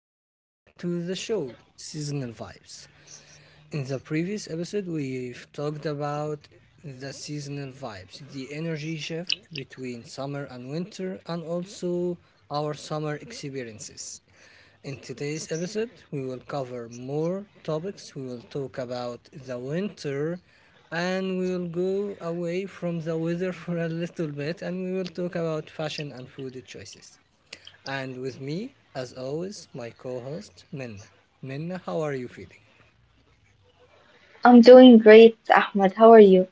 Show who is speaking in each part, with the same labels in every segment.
Speaker 1: welcome back to the show Seasonal Vibes. In the previous episode, we've talked about the seasonal vibes, the energy shift between summer and winter, and also our summer experiences. In today's episode, we will cover more topics. We will talk about the winter and we will go away from the weather for a little bit and we will talk about fashion and food choices. And with me, as always, my co host, Minna. Minna, how are you feeling?
Speaker 2: I'm doing great, Ahmed. How are you?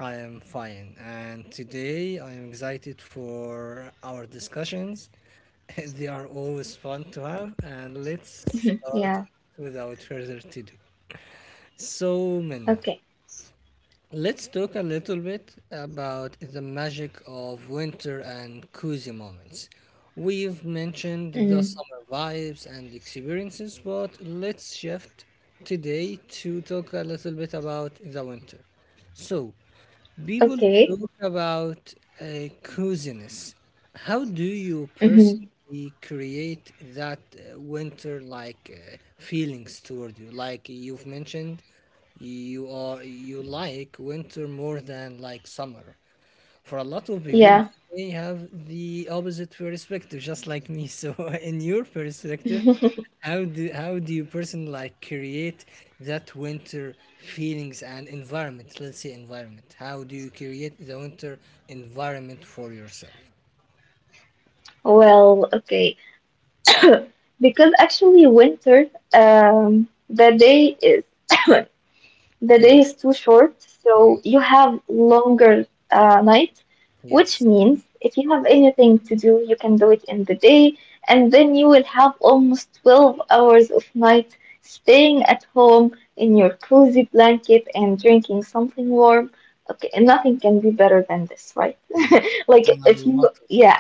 Speaker 1: I am fine, and today I am excited for our discussions. They are always fun to have, and let's start
Speaker 2: Yeah.
Speaker 1: without further to do. So, Minna,
Speaker 2: Okay.
Speaker 1: let's talk a little bit about the magic of winter and cozy moments. We've mentioned the
Speaker 2: Mm.
Speaker 1: summer vibes and experiences, but let's shift today to talk a little bit about the winter. So, people
Speaker 2: Okay.
Speaker 1: talk about coziness. How do you
Speaker 2: Hmm.
Speaker 1: personally create that winter like feelings toward you? Like you've mentioned, you like winter more than like summer. For a lot of people,
Speaker 2: Yeah.
Speaker 1: they have the opposite perspective, just like me. So, in your perspective, how do you personally like create that winter feelings and environment? Let's say environment. How do you create the winter environment for yourself?
Speaker 2: Well, okay. Because actually, winter, the day is the
Speaker 1: Eh,
Speaker 2: day is too short,
Speaker 1: yeah,
Speaker 2: so you have longer night, which
Speaker 1: yes,
Speaker 2: means if you have anything to do, you can do it in the day, and then you will have almost 12 hours of night staying at home in your cozy blanket and drinking something warm. Okay, nothing can be better than this, right?
Speaker 1: yeah.
Speaker 2: Like
Speaker 1: And a
Speaker 2: if you,
Speaker 1: lot of.
Speaker 2: yeah,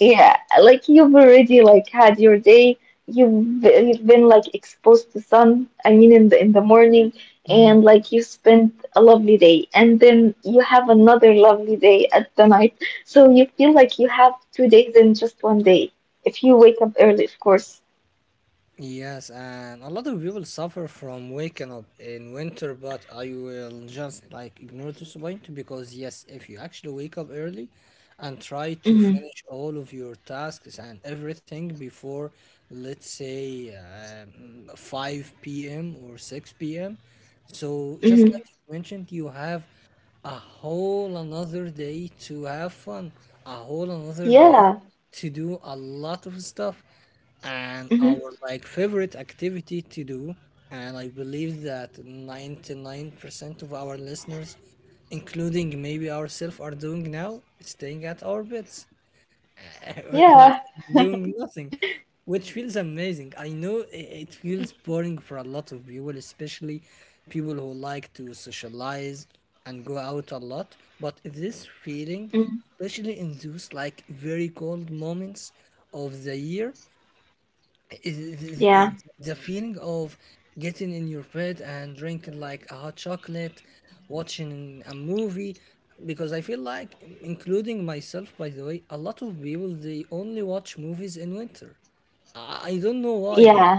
Speaker 2: yeah, like you've already like had your day. You've been like exposed to sun. I mean, in the morning,
Speaker 1: Mm,
Speaker 2: and like you spent a lovely day, and then you have another lovely day at the night. So you feel
Speaker 1: yes.
Speaker 2: like you have 2 days in just one day. If you wake up early, of course.
Speaker 1: Yes, and a lot of people suffer from waking up in winter, but I will just like ignore this point because, yes, if you actually wake up early and try to
Speaker 2: Mm-hmm.
Speaker 1: finish all of your tasks and everything before, let's say, 5 p.m. or 6 p.m., so just
Speaker 2: Mm-hmm.
Speaker 1: like you mentioned, you have a whole another day to have fun, a whole another day
Speaker 2: Yeah.
Speaker 1: to do a lot of stuff, and
Speaker 2: Mm-hmm.
Speaker 1: our like favorite activity to do. And I believe that 99% of our listeners, including maybe ourselves, are doing now, staying at our beds. Like
Speaker 2: Yeah.
Speaker 1: doing nothing, which feels amazing. I know it feels boring for a lot of people, especially people who like to socialize and go out a lot. But this
Speaker 2: Mm-hmm.
Speaker 1: feeling, especially in those like very cold moments of the year, is-
Speaker 2: Yeah.
Speaker 1: the feeling of getting in your bed and drinking like a hot chocolate, watching a movie, because I feel like, including myself, by the way, a lot of people they only watch movies in winter. I don't know why, but
Speaker 2: Yeah.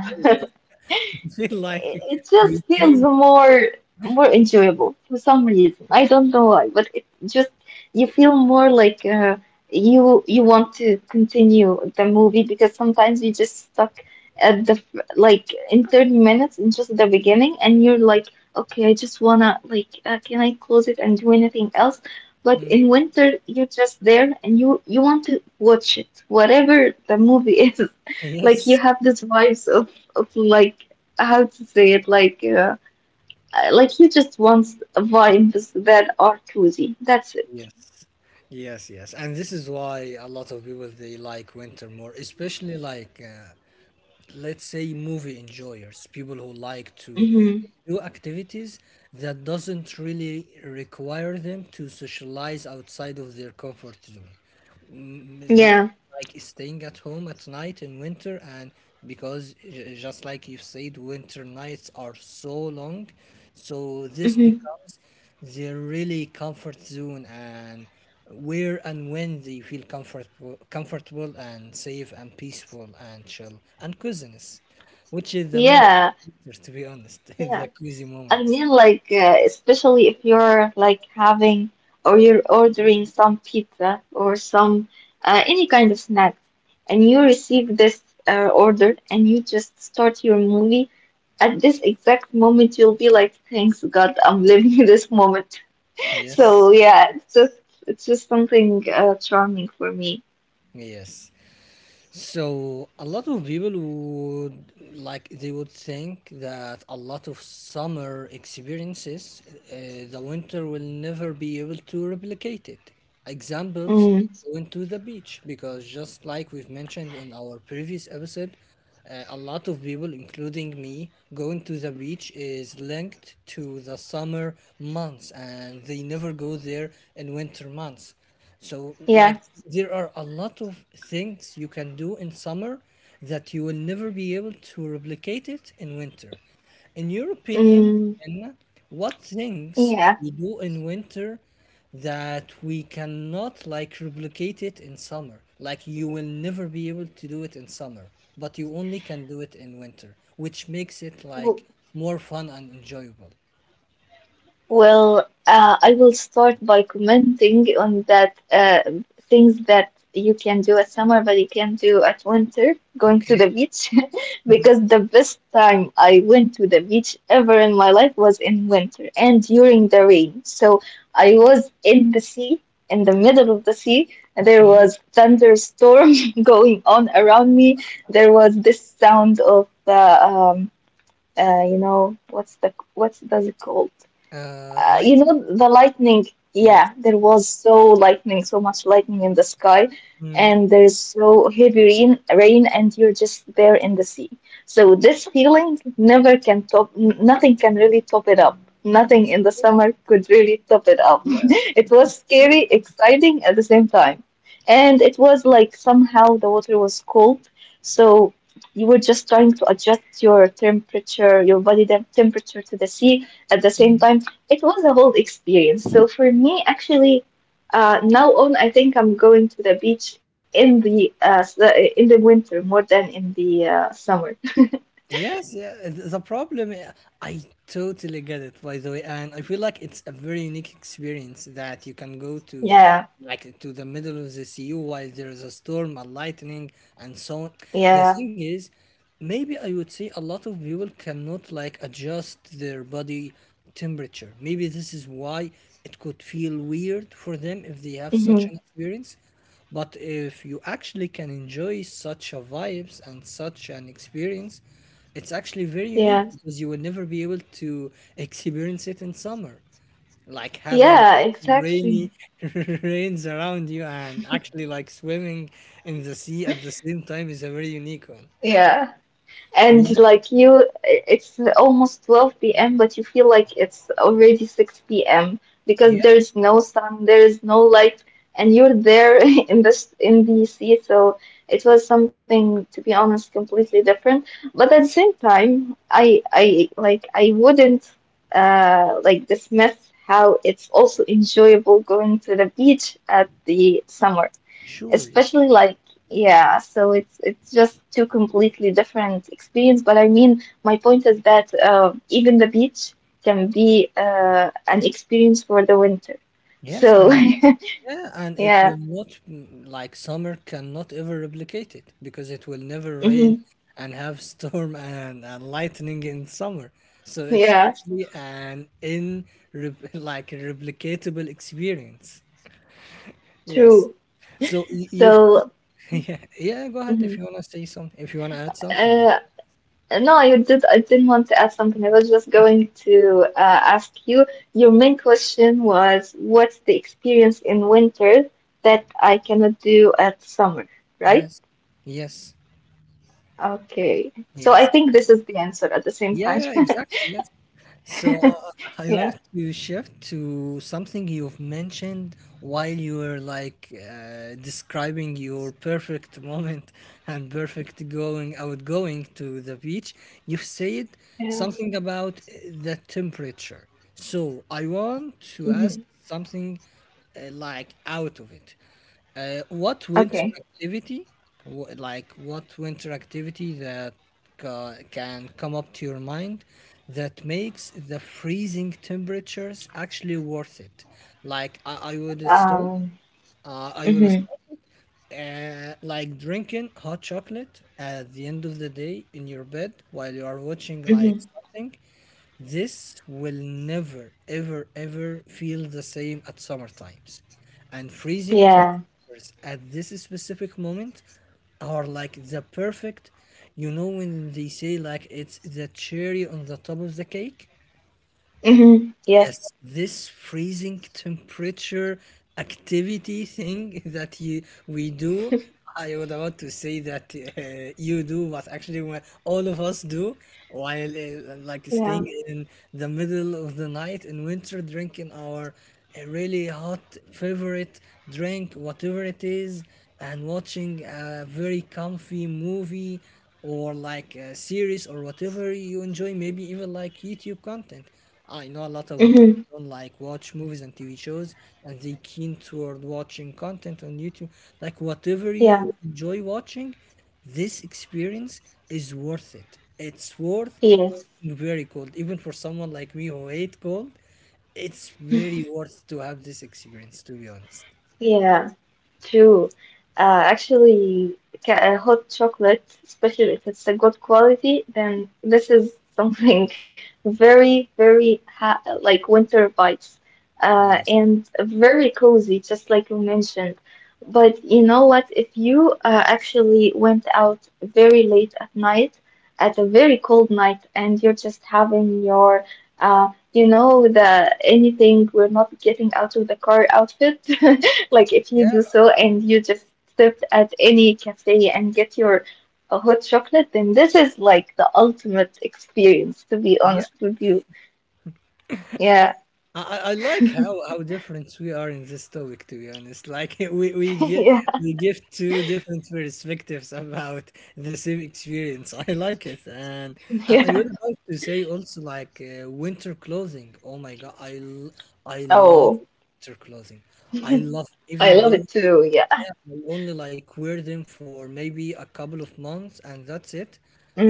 Speaker 1: I feel like
Speaker 2: It
Speaker 1: we
Speaker 2: just feels
Speaker 1: kids.
Speaker 2: more enjoyable for some reason. I don't know why, but it just you feel more like, you want to continue the movie, because sometimes you just stuck like in 30 minutes in just the beginning, and you're like, okay, I just wanna, can I close it and do anything else? But
Speaker 1: Mm,
Speaker 2: in winter you're just there and you want to watch it whatever the movie is. Like you
Speaker 1: yes,
Speaker 2: have this vibes of like, how to say it, like, like, he just wants vibes that are cozy. That's it.
Speaker 1: yes, yes, yes. And this is why a lot of people they like winter more, especially like let's say movie enjoyers people who like to
Speaker 2: Hmm.
Speaker 1: do activities that doesn't really require them to socialize outside of their comfort zone. Mm, the-
Speaker 2: Yeah.
Speaker 1: like staying at home at night in winter, and because just like you said winter nights are so long, so this
Speaker 2: Hmm.
Speaker 1: becomes their really comfort zone and where and when they feel comfortable, and safe and peaceful and chill and coziness, which is the main idea of
Speaker 2: Yeah.
Speaker 1: winter, to be honest, is
Speaker 2: Yeah.
Speaker 1: the cozy
Speaker 2: I
Speaker 1: moments.
Speaker 2: mean, like, especially if you're like having or you're ordering some pizza or some any kind of snack, and you receive this order and you just start your movie. At this exact moment, you'll be like, "Thanks God, I'm living this moment." So
Speaker 1: Yes,
Speaker 2: yeah, it's just something, charming for me.
Speaker 1: yes. So a lot of people would like they would think that a lot of summer experiences, the winter will never be able to replicate it. Examples,
Speaker 2: Mm,
Speaker 1: going to the beach, because just like we've mentioned in our previous episode, a lot of people, including me, going to the beach is linked to the summer months and they never go there in winter months. So,
Speaker 2: yeah.
Speaker 1: like, there are a lot of things you can do in summer that you will never be able to replicate it in winter. In your opinion,
Speaker 2: Mm,
Speaker 1: Anna, what things
Speaker 2: yeah.
Speaker 1: you do in winter that we cannot like replicate it in summer? Like, you will never be able to do it in summer, but you only can do it in winter, which makes it like more fun and enjoyable.
Speaker 2: Well, I will start by commenting on that, things that you can do at summer, but you can do at winter, going to the
Speaker 1: Okay.
Speaker 2: beach, because the best time I went to the beach ever in my life was in winter and during the rain. So I was in the sea, in the middle of the sea, and there
Speaker 1: Okay.
Speaker 2: was thunderstorm going on around me. There was this sound of the, you know, what's does it called? You know,
Speaker 1: Lightning.
Speaker 2: the lightning.
Speaker 1: Yes.
Speaker 2: Yeah, there was so much lightning in the sky,
Speaker 1: Mm.
Speaker 2: and there's so heavy rain, and you're just there in the sea. So this feeling, never can top, nothing can really top it up. Nothing in the summer could really top it up. It was scary, exciting at the same time. And it was like somehow the water was cold, so you were just trying to adjust your body temperature to the sea at the same
Speaker 1: Yeah.
Speaker 2: time. It was a whole experience. So for me, actually, now on, I think I'm going to the beach in the winter more than in the, summer.
Speaker 1: Yes, yeah, the problem, yeah, I totally get it, by the way, and I feel like it's a very unique experience that you can go to,
Speaker 2: Yeah,
Speaker 1: like to the middle of the sea while there is a storm, a lightning, and so on. The
Speaker 2: yeah,
Speaker 1: thing is, maybe I would say a lot of people cannot like adjust their body temperature. Maybe this is why it could feel weird for them if they have such
Speaker 2: hmm,
Speaker 1: an experience. But if you actually can enjoy such a vibes and such an experience, it's actually very
Speaker 2: yeah,
Speaker 1: unique because you will never be able to experience it in summer. Like having
Speaker 2: yeah, exactly.
Speaker 1: rainy rains around you and actually like swimming in the sea at the same time is a very unique one.
Speaker 2: Yeah. And
Speaker 1: Yeah.
Speaker 2: like, you, it's almost 12 p.m, but you feel like it's already 6 p.m, because
Speaker 1: Yes,
Speaker 2: there's no sun, there's no light, and you're there in the sea. So it was something, to be honest, completely different. But at the same time, I like, I wouldn't, like, dismiss how it's also enjoyable going to the beach at the summer,
Speaker 1: sure. Yes,
Speaker 2: especially like, yeah. So it's just two completely different experience. But I mean, my point is that, even the beach can be, an experience for the winter.
Speaker 1: yes
Speaker 2: So
Speaker 1: and yeah, and it
Speaker 2: yeah.
Speaker 1: will not, like summer cannot ever replicate it because it will never
Speaker 2: Hmm.
Speaker 1: rain and have storm and lightning in summer. So it's
Speaker 2: Yeah.
Speaker 1: actually an like replicatable experience.
Speaker 2: True.
Speaker 1: Yes. So you've
Speaker 2: So.
Speaker 1: yeah, yeah, go ahead if
Speaker 2: Mhm.
Speaker 1: you want to say something, if you want to add something.
Speaker 2: uh, no, I didn't want to add something. I was just going to, ask you, your main question was, what's the experience in winter that I cannot do at summer, right?
Speaker 1: Yes. Yes.
Speaker 2: Okay. So I
Speaker 1: Yes.
Speaker 2: think this is the answer at the same
Speaker 1: Yeah,
Speaker 2: time.
Speaker 1: yeah, exactly, yes. So I
Speaker 2: Yeah.
Speaker 1: want to shift to something you've mentioned while you were like describing your perfect moment and perfect going outgoing to the beach. You said
Speaker 2: Yeah.
Speaker 1: something about the temperature. So I want to ask
Speaker 2: Hmm.
Speaker 1: something like out of it. What winter
Speaker 2: Okay.
Speaker 1: activity, like what winter activity that can come up to your mind that makes the freezing temperatures actually worth it? Like I would start
Speaker 2: Um.
Speaker 1: I will
Speaker 2: Hmm.
Speaker 1: start it, like drinking hot chocolate at the end of the day in your bed while you are watching like
Speaker 2: Hmm.
Speaker 1: something. This will never, ever, ever feel the same at summer times. And freezing
Speaker 2: Yeah.
Speaker 1: temperatures at this specific moment are like the perfect, you know, when they say like it's the cherry on the top of the cake.
Speaker 2: Hmm. Yes.
Speaker 1: Yes, this freezing temperature activity thing that you we do, I would about to say that you do, but actually when all of us do, while like
Speaker 2: Yeah.
Speaker 1: staying in the middle of the night in winter, drinking our really hot favorite drink, whatever it is, and watching a very comfy movie or like a series or whatever you enjoy, maybe even like YouTube content. I know a lot of
Speaker 2: Hmm.
Speaker 1: people don't like watch movies and TV shows, and they keen toward watching content on YouTube. Like whatever
Speaker 2: Yeah.
Speaker 1: you enjoy watching, this experience is worth it. It's worth
Speaker 2: Yes.
Speaker 1: being very cold, even for someone like me who hate cold. It's very worth to have this experience, to be honest.
Speaker 2: Yeah. True. Actually, hot chocolate, especially if it's a good quality, then this is something very, very, ha like, winter vibes,
Speaker 1: Yes.
Speaker 2: and very cozy, just like you mentioned. But you know what? If you, actually went out very late at night, at a very cold night, and you're just having your, you know, the anything, we're not getting out of the car outfit. Like if you
Speaker 1: Yeah.
Speaker 2: do so and you just sit at any cafe and get your, hot chocolate, then this is like the ultimate experience, to be
Speaker 1: Yeah.
Speaker 2: honest with you. Yeah.
Speaker 1: I like how different we are in this topic, to be honest. Like we, we get
Speaker 2: Yeah.
Speaker 1: we give two different perspectives about the same experience. I like it, and I
Speaker 2: Yeah.
Speaker 1: was about to say also like winter clothing. Oh my God, I love
Speaker 2: Oh,
Speaker 1: winter clothing. I love
Speaker 2: I
Speaker 1: even
Speaker 2: love it
Speaker 1: though
Speaker 2: too. Yeah.
Speaker 1: I only like wear them for maybe a couple of months and that's it.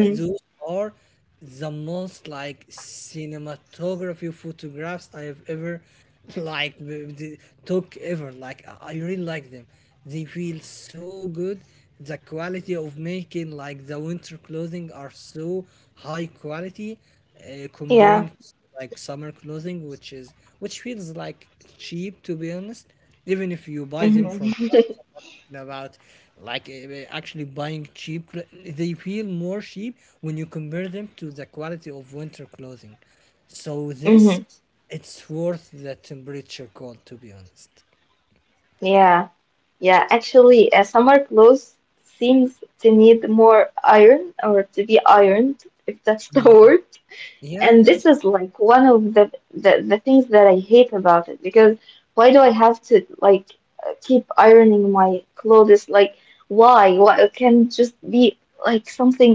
Speaker 1: Those are the most like cinematography photographs I have ever like took ever. Like I really like them. They feel so good. The quality of making like the winter clothing are so high quality
Speaker 2: Yeah.
Speaker 1: comparing to like summer clothing, which feels like cheap to be honest, even if you buy them
Speaker 2: Hmm.
Speaker 1: from brands. I'm not talking about like actually buying cheap. They feel more cheap when you compare them to the quality of winter clothing. So this,
Speaker 2: Hmm.
Speaker 1: it's worth the temperature cold to be honest.
Speaker 2: Yeah. Yeah. Actually, summer clothes seems to need more iron or to be ironed, if that's the
Speaker 1: Yeah,
Speaker 2: word.
Speaker 1: yeah,
Speaker 2: And
Speaker 1: yeah.
Speaker 2: this is like one of the things that I hate about it, because why do I have to like, keep ironing my clothes? Like, why? Why it can just be like something,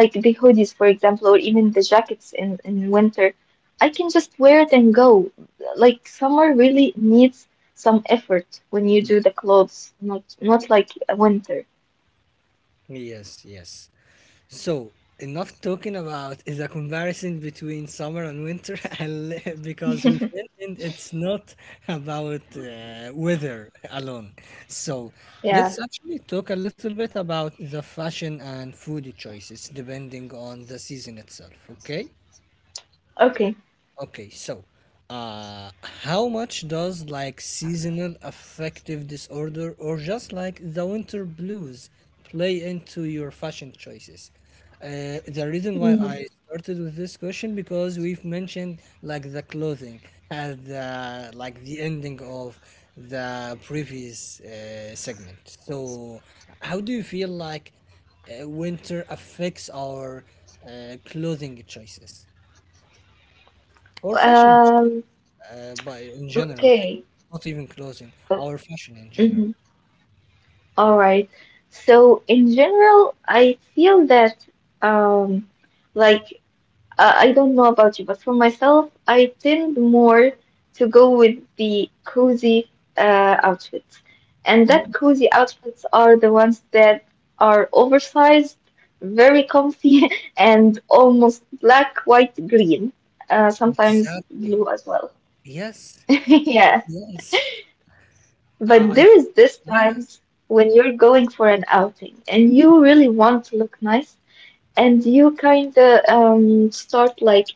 Speaker 2: like the hoodies, for example, or even the jackets in winter. I can just wear it and go. Like summer really needs some effort when you do
Speaker 1: Yes,
Speaker 2: the clothes, not like winter.
Speaker 1: yes, yes. So, enough talking about is a comparison between summer and winter, and because we've mentioned it's not about weather alone. So,
Speaker 2: Yeah.
Speaker 1: let's actually talk a little bit about the fashion and food choices depending on the season itself, okay?
Speaker 2: Okay.
Speaker 1: Okay, so uh how much does like seasonal affective disorder or just like the winter blues play into your fashion choices? The reason why I
Speaker 2: Mm.
Speaker 1: started with this question because we've mentioned like the clothing at the ending of the previous segment. So how do you feel like winter affects our clothing choices or fashion,
Speaker 2: Um.
Speaker 1: but in general, like
Speaker 2: Okay.
Speaker 1: not even clothing, our fashion in general.
Speaker 2: Mhm. All right. So in general, I feel that, um like, I don't know about you, but for myself, I tend more to go with the cozy, outfits. And that
Speaker 1: Hmm.
Speaker 2: cozy outfits are the ones that are oversized, very comfy, and almost black, white, green. Sometimes
Speaker 1: Exactly.
Speaker 2: blue as well.
Speaker 1: Yes.
Speaker 2: Yeah.
Speaker 1: Yes. I,
Speaker 2: But
Speaker 1: I
Speaker 2: there
Speaker 1: feel,
Speaker 2: is
Speaker 1: like,
Speaker 2: this
Speaker 1: yeah.
Speaker 2: times when you're going for an outing and you really want to look nice, and you kind of, start like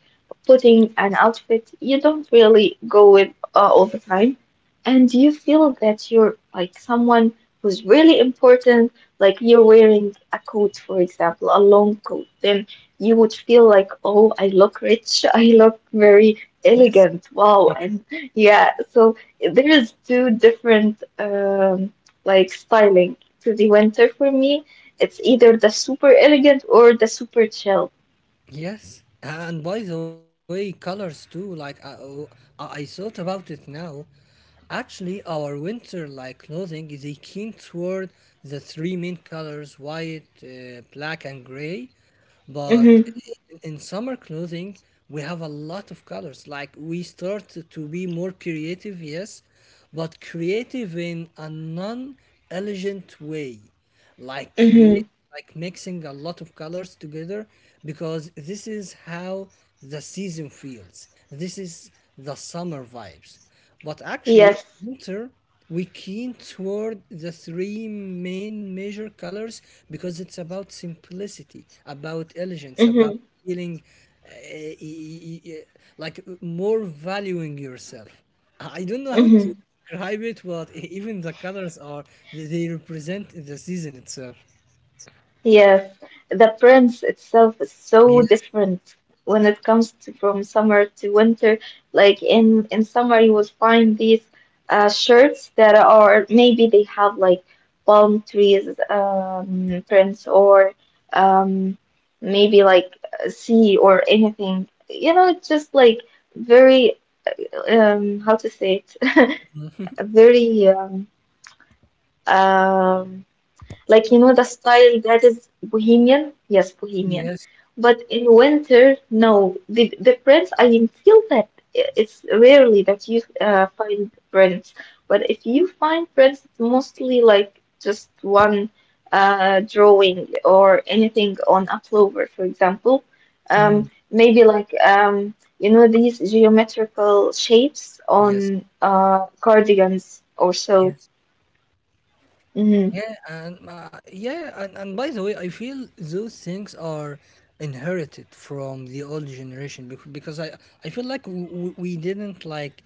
Speaker 2: putting an outfit you don't really go with, all the time, and you feel that you're like someone who's really important. Like you're wearing a coat, for example, a long coat, then you would feel like, oh, I look rich, I look very
Speaker 1: Yes.
Speaker 2: elegant, wow, and yeah. So there is two different, like styling to the winter for me. It's either the super elegant or the super chill.
Speaker 1: Yes, and by the way, colors too. Like oh, I thought about it now. Actually, our winter like clothing is a keen toward the three main colors: white, black, and gray. But
Speaker 2: Mm-hmm.
Speaker 1: in summer clothing, we have a lot of colors. Like we start to be more creative, yes, but creative in a non-elegant way like
Speaker 2: Mm-hmm.
Speaker 1: create like mixing a lot of colors together because this is how the season feels, this is the summer vibes. But actually
Speaker 2: Yes.
Speaker 1: in winter we keen toward the three main major colors because it's about simplicity, about elegance, about
Speaker 2: Mm-hmm.
Speaker 1: feeling, uh, e- e- e- like more valuing yourself. I don't know how to
Speaker 2: Mm-hmm.
Speaker 1: describe it, but even the colors are they represent the season itself.
Speaker 2: Yes. The prince itself is so
Speaker 1: Yes,
Speaker 2: different when it comes to from summer to winter. Like in summer, you would find these, shirts that are, maybe they have like palm trees, prints, or, um, maybe like a sea or anything. You know, it's just like very, how to say it, very, um, like, you know, the style that is bohemian, yes, bohemian.
Speaker 1: yes,
Speaker 2: But in winter, no, the prints, I mean, feel that it's rarely that you, find prints. But if you find prints, it's mostly like just one, drawing or anything on a plover, for example,
Speaker 1: mm,
Speaker 2: maybe like, you know, these geometrical shapes
Speaker 1: yes,
Speaker 2: on, cardigans or so.
Speaker 1: yes.
Speaker 2: Mm-hmm.
Speaker 1: Yeah, and by the way, I feel those things are inherited from the old generation because I I feel like we didn't like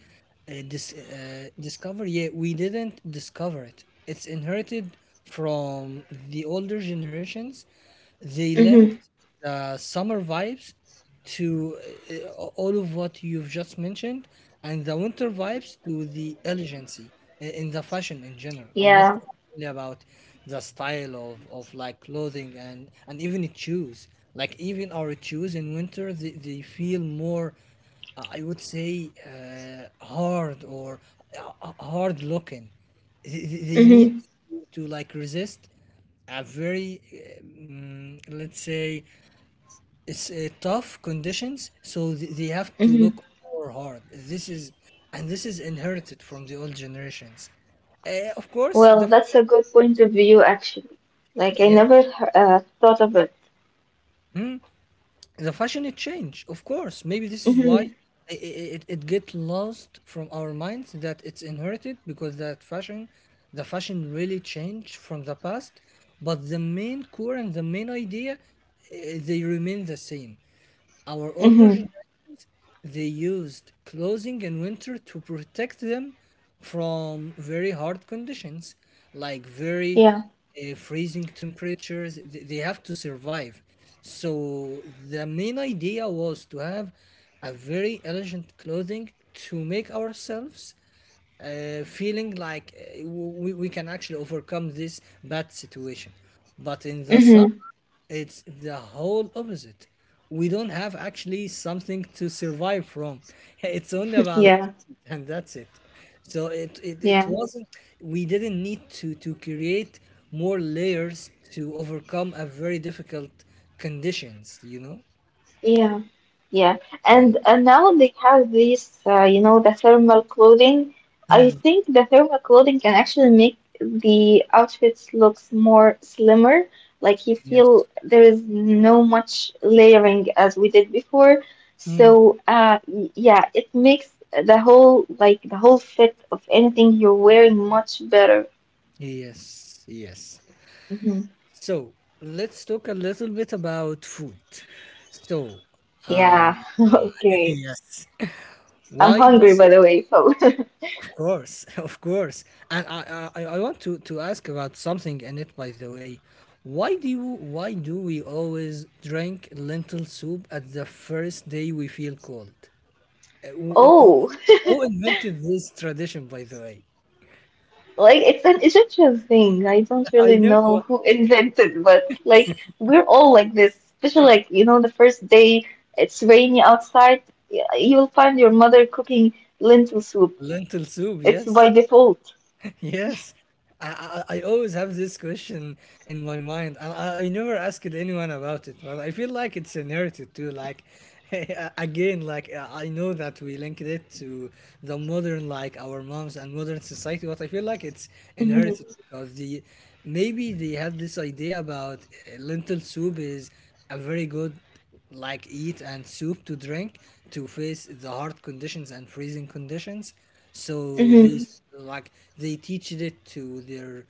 Speaker 1: discover, yeah, we didn't discover it. It's inherited from the older generations. They
Speaker 2: Mm-hmm.
Speaker 1: linked the summer vibes to uh, all of what you've just mentioned, and the winter vibes to the elegancy in the fashion in general. I'm not
Speaker 2: Yeah.
Speaker 1: talking only about the style of like clothing and even the shoes. Like even our shoes in winter, they feel more I would say hard or hard looking. They need
Speaker 2: Mm-hmm.
Speaker 1: to like resist a very, let's say, it's tough conditions, so they have to
Speaker 2: Mm-hmm.
Speaker 1: look more hard. This is and this is inherited from the old generations. uh, of course,
Speaker 2: Well, that's a good point of view, actually. Like, I
Speaker 1: yeah,
Speaker 2: never, thought of it.
Speaker 1: the fashion it change, of course. Maybe this is why
Speaker 2: Mm-hmm.
Speaker 1: it get lost from our minds that it's inherited, because that fashion the fashion really changed from the past, but the main core and the main idea, they remain the same. Our older
Speaker 2: Mm-hmm.
Speaker 1: generations, they used clothing in winter to protect them from very hard conditions, like very
Speaker 2: Yeah.
Speaker 1: freezing temperatures. They have to survive. So the main idea was to have a very elegant clothing to make ourselves feeling like we can actually overcome this bad situation. But in the summer,
Speaker 2: Mm-hmm.
Speaker 1: it's the whole opposite. We don't have actually something to survive from. It's only about
Speaker 2: Yeah.
Speaker 1: and that's it. So it, it, it
Speaker 2: Yeah.
Speaker 1: wasn't we didn't need to create more layers to overcome a very difficult conditions, you know?
Speaker 2: Yeah, yeah,
Speaker 1: Yeah,
Speaker 2: and now they have these, you know, the thermal clothing.
Speaker 1: yeah.
Speaker 2: I
Speaker 1: Mm,
Speaker 2: think the thermal clothing can actually make the outfits looks more slimmer. Like you
Speaker 1: yes.
Speaker 2: feel there is no much layering as we did before.
Speaker 1: Mm,
Speaker 2: So, yeah, it makes the whole fit of anything you're wearing much better.
Speaker 1: yes. Yes.
Speaker 2: Hmm.
Speaker 1: So let's talk a little bit about food. So, uh,
Speaker 2: Yeah.
Speaker 1: uh,
Speaker 2: Okay.
Speaker 1: yes,
Speaker 2: I'm
Speaker 1: why
Speaker 2: hungry,
Speaker 1: does,
Speaker 2: by the way, so.
Speaker 1: of course, of course, and I want to ask about something in it, by the way. Why do we always drink lentil soup at the first day we feel cold? Uh, who, who-
Speaker 2: Oh.
Speaker 1: who invented this tradition, by the way?
Speaker 2: Like it's an Egyptian thing. I don't really
Speaker 1: I know
Speaker 2: know who invented, but like we're all like this. Especially like, you know, the first day it's rainy outside, you'll find your mother cooking lentil soup.
Speaker 1: lentil soup,
Speaker 2: It's
Speaker 1: yes.
Speaker 2: by default.
Speaker 1: Yes, I always have this question in my mind, and I never asked anyone about it. But I feel like it's inherited too. Like again, like I know that we linked it to the modern, like our moms and modern society. But I feel like it's
Speaker 2: Mm-hmm.
Speaker 1: inherited because the maybe they had this idea about lentil soup is a very good like eat and soup to drink to face the hard conditions and freezing conditions. So
Speaker 2: Mm-hmm.
Speaker 1: like they teached it to their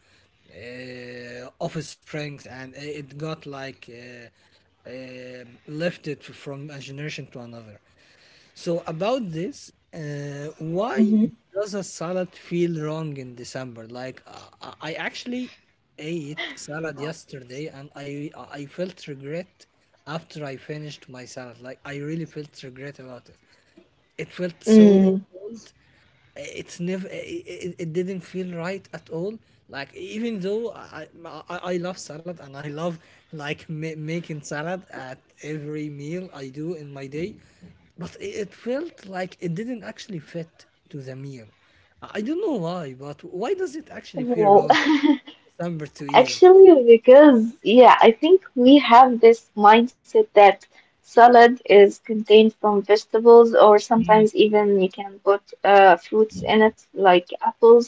Speaker 1: offsprings, and it got like lifted from a generation to another. So about this, why
Speaker 2: Mm-hmm.
Speaker 1: does a salad feel wrong in December? Like I actually ate salad yesterday, and I felt regret after I finished my salad. Like I really felt regret about it. It felt so
Speaker 2: Mm.
Speaker 1: cold. It's never. It didn't feel right at all. Like even though I love salad and I love like making salad at every meal I do in my day, but it felt like it didn't actually fit to the meal. I don't know why, but why does it actually feel
Speaker 2: Wow.
Speaker 1: wrong December to eat it?
Speaker 2: Actually, because yeah, I think we have this mindset that salad is contained from vegetables, or sometimes even you can put, fruits in it, like apples.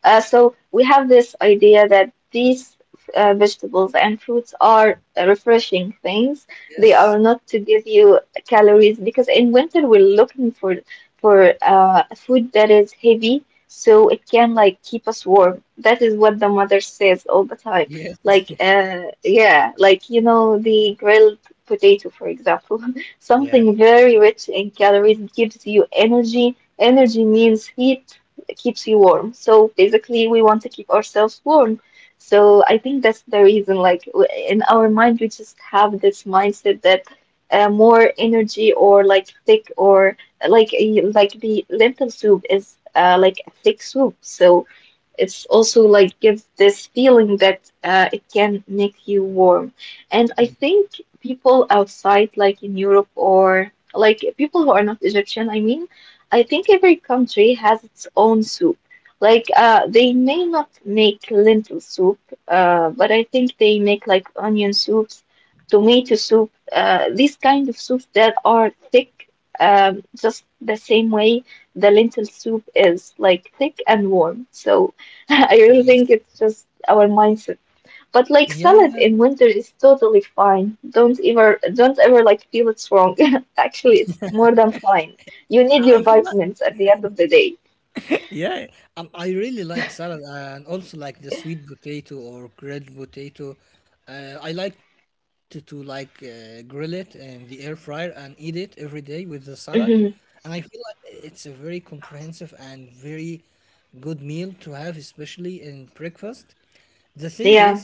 Speaker 2: So we have this idea that these, vegetables and fruits are, refreshing things. They
Speaker 1: Yes.
Speaker 2: are not to give you calories, because in winter we're looking for food that is heavy, so it can like keep us warm. That is what the mother says all the time.
Speaker 1: Yes.
Speaker 2: Like, yeah, like, you know, the grilled potato, for example, something very rich in calories gives you energy. Energy means heat, keeps you warm. So basically, we want to keep ourselves warm. So I think that's the reason. Like, in our mind, we just have this mindset that, more energy, or like thick, or like like the lentil soup is, like a thick soup, so it's also like gives this feeling that, it can make you warm. And I think people outside, like in Europe or like people who are not Egyptian, I mean, I think every country has its own soup. Like they may not make lentil soup, but I think they make like onion soups, tomato soup, these kind of soups that are thick, just the same way the lentil soup is like thick and warm. So
Speaker 1: yes.
Speaker 2: I really think it's just our mindset. But
Speaker 1: Yeah,
Speaker 2: like
Speaker 1: yeah.
Speaker 2: salad in winter is totally fine. Don't ever like feel it's wrong. Actually, it's more than fine. You need
Speaker 1: I
Speaker 2: your
Speaker 1: even
Speaker 2: vitamins at the end of the day.
Speaker 1: yeah, I really like salad and also like the sweet potato or grilled potato. I like to like grill it in the air fryer and eat it every day with the salad. And I
Speaker 2: hmm
Speaker 1: feel like it's a very comprehensive and very good meal to have, especially in breakfast. The thing
Speaker 2: Yeah.
Speaker 1: is,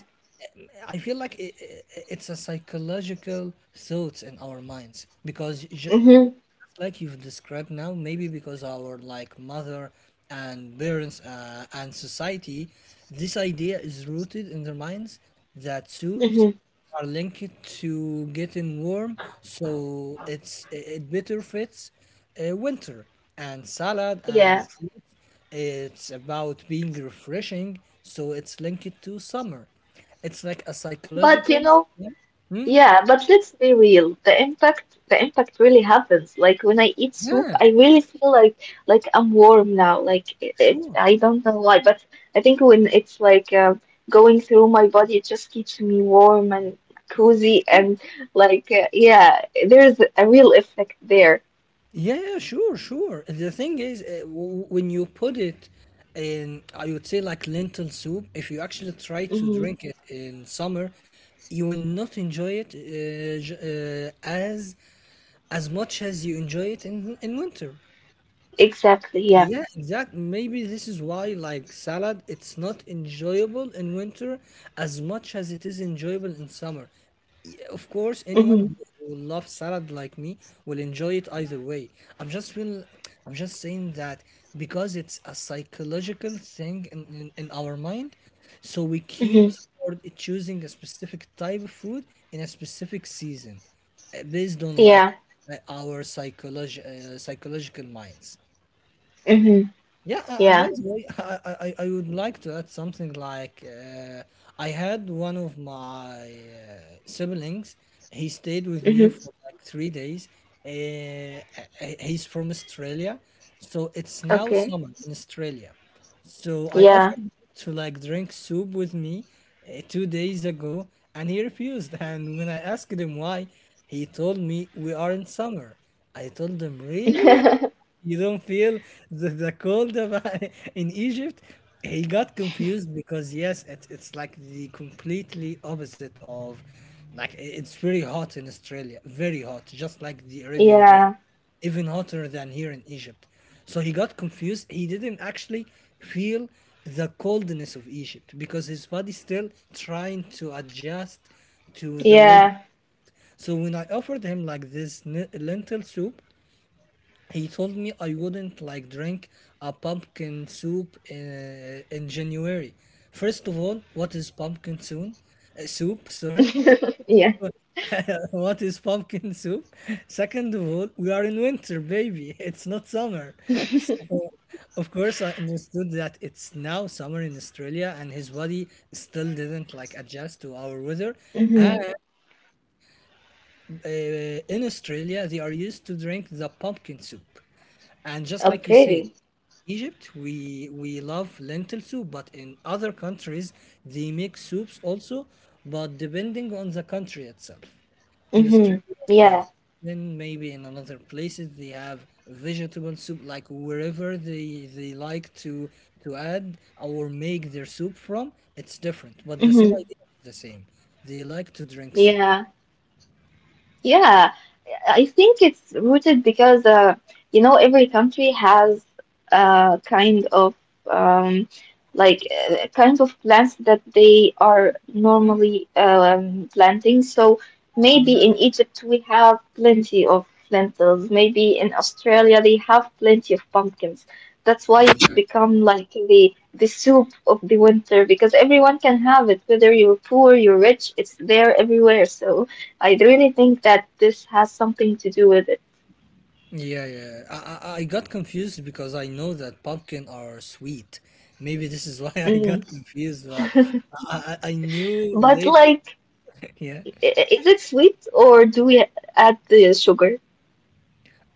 Speaker 1: I feel like it's a psychological thoughts in our minds because just
Speaker 2: hmm
Speaker 1: like you've described now, maybe because our like mother and parents and society, this idea is rooted in their minds that soups
Speaker 2: hmm
Speaker 1: are linked to getting warm, so it better fits winter, and salad
Speaker 2: Yeah.
Speaker 1: and fruits it's about being refreshing, so it's linked to summer. It's like a
Speaker 2: But you
Speaker 1: psychological.
Speaker 2: know,
Speaker 1: Yeah, hmm?
Speaker 2: yeah, but let's be real. The impact really happens. Like when I eat soup,
Speaker 1: Yeah,
Speaker 2: I really feel like I'm warm now. Like it,
Speaker 1: sure,
Speaker 2: I don't know why, but I think when it's like going through my body, it just keeps me warm and cozy
Speaker 1: sure.
Speaker 2: and like yeah, there's a real effect there.
Speaker 1: Yeah, sure, sure. The thing is, when you put it in, I would say like lentil soup, if you actually try to
Speaker 2: hmm
Speaker 1: drink it in summer, you will not enjoy it as much as you enjoy it in winter.
Speaker 2: Exactly. Yeah.
Speaker 1: Yeah, exact. Maybe this is why, like salad, it's not enjoyable in winter as much as it is enjoyable in summer. Yeah, of course, anyone
Speaker 2: hmm
Speaker 1: who who loves salad like me will enjoy it either way. I'm just feel, I'm just saying that because it's a psychological thing in, in our mind, so we keen
Speaker 2: hmm
Speaker 1: toward it choosing a specific type of food in a specific season, based on like
Speaker 2: Yeah.
Speaker 1: our psychology, psychological minds.
Speaker 2: hmm
Speaker 1: Yeah, and by
Speaker 2: Yeah.
Speaker 1: the way, I would like to add something like I had one of my siblings. He stayed with me
Speaker 2: hmm
Speaker 1: for like 3 days. Uh, he's from Australia, so it's now
Speaker 2: Okay.
Speaker 1: summer in Australia. So I
Speaker 2: Yeah.
Speaker 1: offered to like drink soup with me 2 days ago, and he refused. And when I asked him why, he told me we are in summer. I told him, really? You don't feel the cold about in Egypt? He got confused because yes, it's like the completely opposite of like it's very hot in Australia, very hot, just like the Arabian Gulf,
Speaker 2: Yeah.
Speaker 1: even hotter than here in Egypt. So he got confused. He didn't actually feel the coldness of Egypt because his body's still trying to adjust to the weather.
Speaker 2: Yeah.
Speaker 1: So when I offered him like this lentil soup, he told me I wouldn't like drink a pumpkin soup in January. First of all, what is pumpkin soon? Soup, sorry.
Speaker 2: Yeah.
Speaker 1: What is pumpkin soup? Second of all, we are in winter, baby. It's not summer. So, of course, I understood that it's now summer in Australia and his body still didn't like adjust to our weather.
Speaker 2: hmm
Speaker 1: And uh, in Australia, they are used to drink the pumpkin soup. And just like you said,
Speaker 2: Okay.
Speaker 1: Egypt, we love lentil soup, but in other countries they make soups also, but depending on the country itself. In
Speaker 2: Mm-hmm.
Speaker 1: Australia, they have,
Speaker 2: Yeah.
Speaker 1: then maybe in another places they have vegetable soup, like wherever they like to add or make their soup from, it's different. But the same
Speaker 2: Mm-hmm.
Speaker 1: idea is the same. They like to drink soup.
Speaker 2: Yeah. Yeah. I think it's rooted because you know every country has a kind of um, like kind of plants that they are
Speaker 1: Mm,
Speaker 2: normally planting. So maybe
Speaker 1: exactly.
Speaker 2: in Egypt we have plenty of lentils. Maybe in Australia they have plenty of pumpkins. That's why it's
Speaker 1: Yeah,
Speaker 2: become like the soup of the winter because everyone can have it, whether you're poor, you're rich, it's there everywhere. So I really think that this has something to do with it.
Speaker 1: yeah, yeah. I got confused because I know that pumpkin are sweet. Maybe this is why I
Speaker 2: Mm.
Speaker 1: got confused, but I knew
Speaker 2: But
Speaker 1: later.
Speaker 2: like,
Speaker 1: Yeah,
Speaker 2: I- is it sweet or do we add the sugar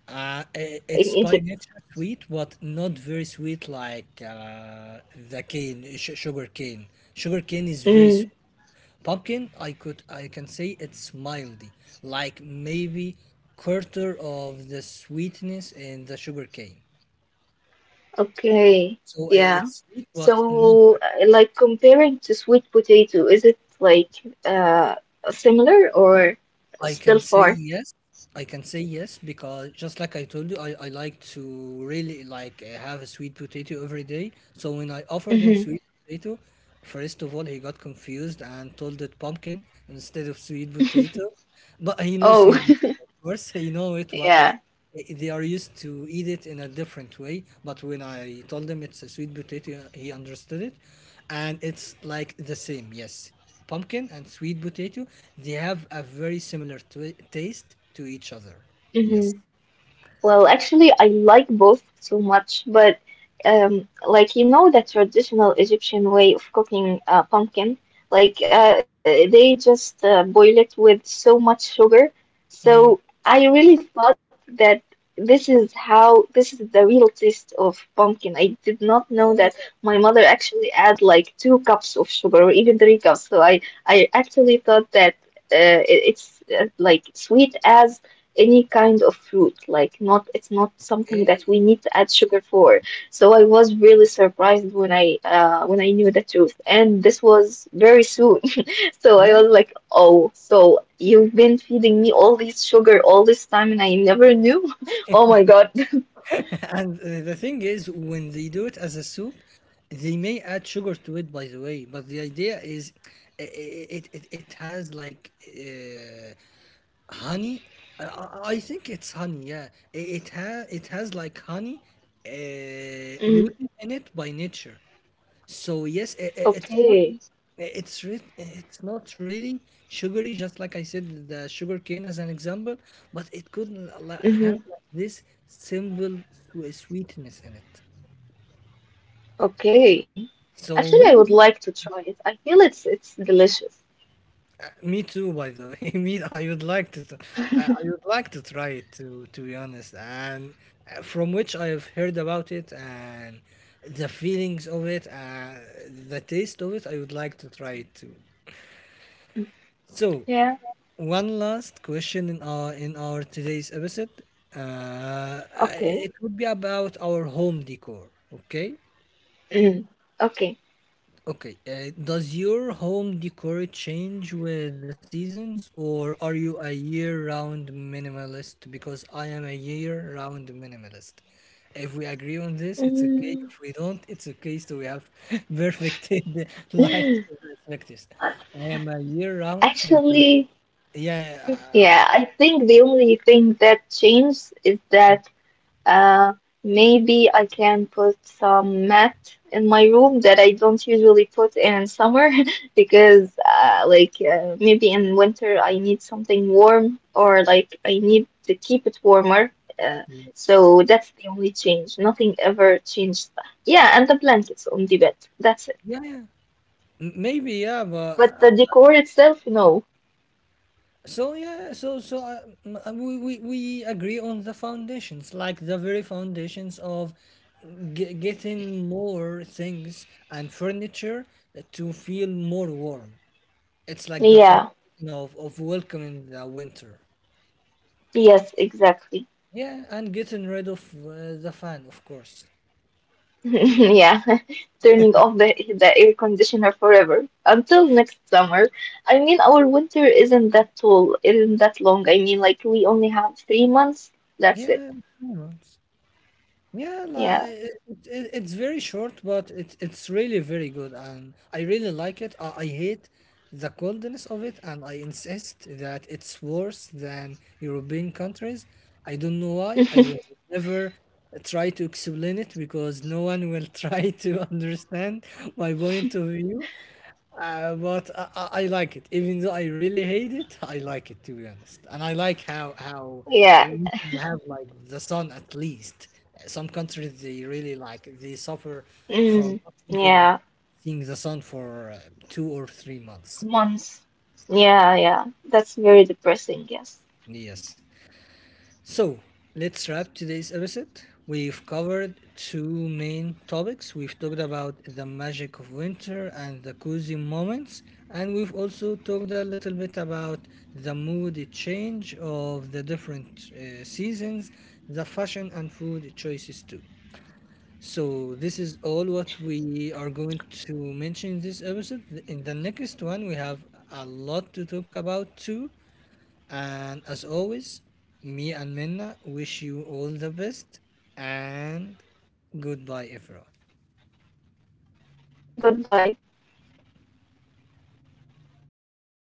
Speaker 2: in
Speaker 1: it's by
Speaker 2: Egypt?
Speaker 1: nature sweet, but not very sweet like the sugar cane. Sugar cane is very sweet.
Speaker 2: Mm.
Speaker 1: Pumpkin, I can say it's mildy, like maybe quarter of the sweetness in the sugar cane.
Speaker 2: Okay,
Speaker 1: So
Speaker 2: yeah.
Speaker 1: it's sweet, but not,
Speaker 2: So, like comparing to sweet potato, is it like uh similar or
Speaker 1: I can
Speaker 2: still
Speaker 1: say
Speaker 2: far?
Speaker 1: yes. I can say yes because just like I told you, I like to really like have a sweet potato every day. So when I offered him
Speaker 2: hmm
Speaker 1: sweet potato, first of all he got confused and told it pumpkin instead of sweet potato. But he knows
Speaker 2: Oh,
Speaker 1: sweet potato, of course. He know it, but they are used to eat it in a different way. But when I told him it's a sweet potato, he understood it, and it's like the same. Yes, pumpkin and sweet potato, they have a very similar taste to each other. Yes.
Speaker 2: yeah. Well, actually, I like both so much, but like you know, the traditional Egyptian way of cooking pumpkin, like they just boil it with so much sugar.
Speaker 1: Mm.
Speaker 2: So I really thought that this is how this is the real taste of pumpkin. I did not know
Speaker 1: Oh,
Speaker 2: that my mother actually add like two cups of sugar or even three cups. So I actually thought that it's like sweet as any kind of fruit. Like not, it's not something that
Speaker 1: okay.
Speaker 2: we need to add sugar for. So I was really surprised when I knew the truth, and this was very soon. So
Speaker 1: Yeah.
Speaker 2: I was like, oh, so you've been feeding me all this sugar all this time, and I never knew. Oh my God.
Speaker 1: And the thing is, when they do it as a soup, they may add sugar to it, by the way. But the idea is, it has like uh, honey. I think it's honey. Yeah. It has, it has like honey
Speaker 2: Mm,
Speaker 1: rooted in it by nature. So yes, it's not,
Speaker 2: okay.
Speaker 1: it's not really sugary, just like I said the sugar cane as an example, but it could have
Speaker 2: Mm-hmm.
Speaker 1: like this simple sweetness in it.
Speaker 2: Okay.
Speaker 1: So
Speaker 2: Actually, I would
Speaker 1: maybe
Speaker 2: like to try it. I feel it's delicious.
Speaker 1: me too, by the way. Me, I would like to, I would like to try it to be honest. And from which I have heard about it and the feelings of it, the taste of it, I would like to try it too. So
Speaker 2: Yeah.
Speaker 1: one last question in our today's episode. Uh,
Speaker 2: Okay.
Speaker 1: it would be about our home decor. Okay,
Speaker 2: Mm. Okay.
Speaker 1: okay. Does your home decor change with the seasons, or are you a year-round minimalist? Because I am a year-round minimalist. If we agree on this, it's okay.
Speaker 2: Mm.
Speaker 1: If we don't, it's okay. So we have perfected like perspectives. I am a year-round minimalist.
Speaker 2: Actually,
Speaker 1: Yeah, yeah,
Speaker 2: yeah, I think the only thing that changed is
Speaker 1: uh,
Speaker 2: that uh, maybe I can put some mat in my room that I don't usually put in summer because like maybe in winter I need something warm or like I need to keep it warmer. Uh,
Speaker 1: yes.
Speaker 2: so that's the only change. Nothing ever changed. Yeah, and the blankets on the bed. That's it.
Speaker 1: Yeah, yeah. Maybe yeah, but
Speaker 2: But the decor itself, no.
Speaker 1: so yeah, so so we agree on the foundations, like the very foundations of getting more things and furniture to feel more warm. It's like the
Speaker 2: Yeah.
Speaker 1: foundation of welcoming the winter.
Speaker 2: Yes, exactly.
Speaker 1: Yeah, and getting rid of the fan, of course.
Speaker 2: Yeah, turning off the air conditioner forever until next summer. I mean, our winter isn't that tall, isn't that long. I mean, like, we only have 3 months. That's it.
Speaker 1: Yeah, 3 months. Yeah, like
Speaker 2: Yeah,
Speaker 1: it's very short, but it's really very good, and I really like it. I hate the coldness of it, and I insist that it's worse than European countries. I don't know why. I will never try to explain it because no one will try to understand my point of view. But I like it, even though I really hate it. I like it to be honest, and I like how
Speaker 2: yeah,
Speaker 1: we have like the sun at least. Some countries they really like they suffer from
Speaker 2: mm,
Speaker 1: not even
Speaker 2: yeah,
Speaker 1: seeing the sun for 2 or 3 months.
Speaker 2: months. Yeah, yeah. That's very depressing, yes.
Speaker 1: Yes. So let's wrap today's episode. We've covered two main topics. We've talked about the magic of winter and the cozy moments, and we've also talked a little bit about the mood change of the different seasons, the fashion and food choices too. So this is all what we are going to mention in this episode. In the next one, we have a lot to talk about too. And as always, me and Minna wish you all the best and goodbye, everyone.
Speaker 2: Goodbye.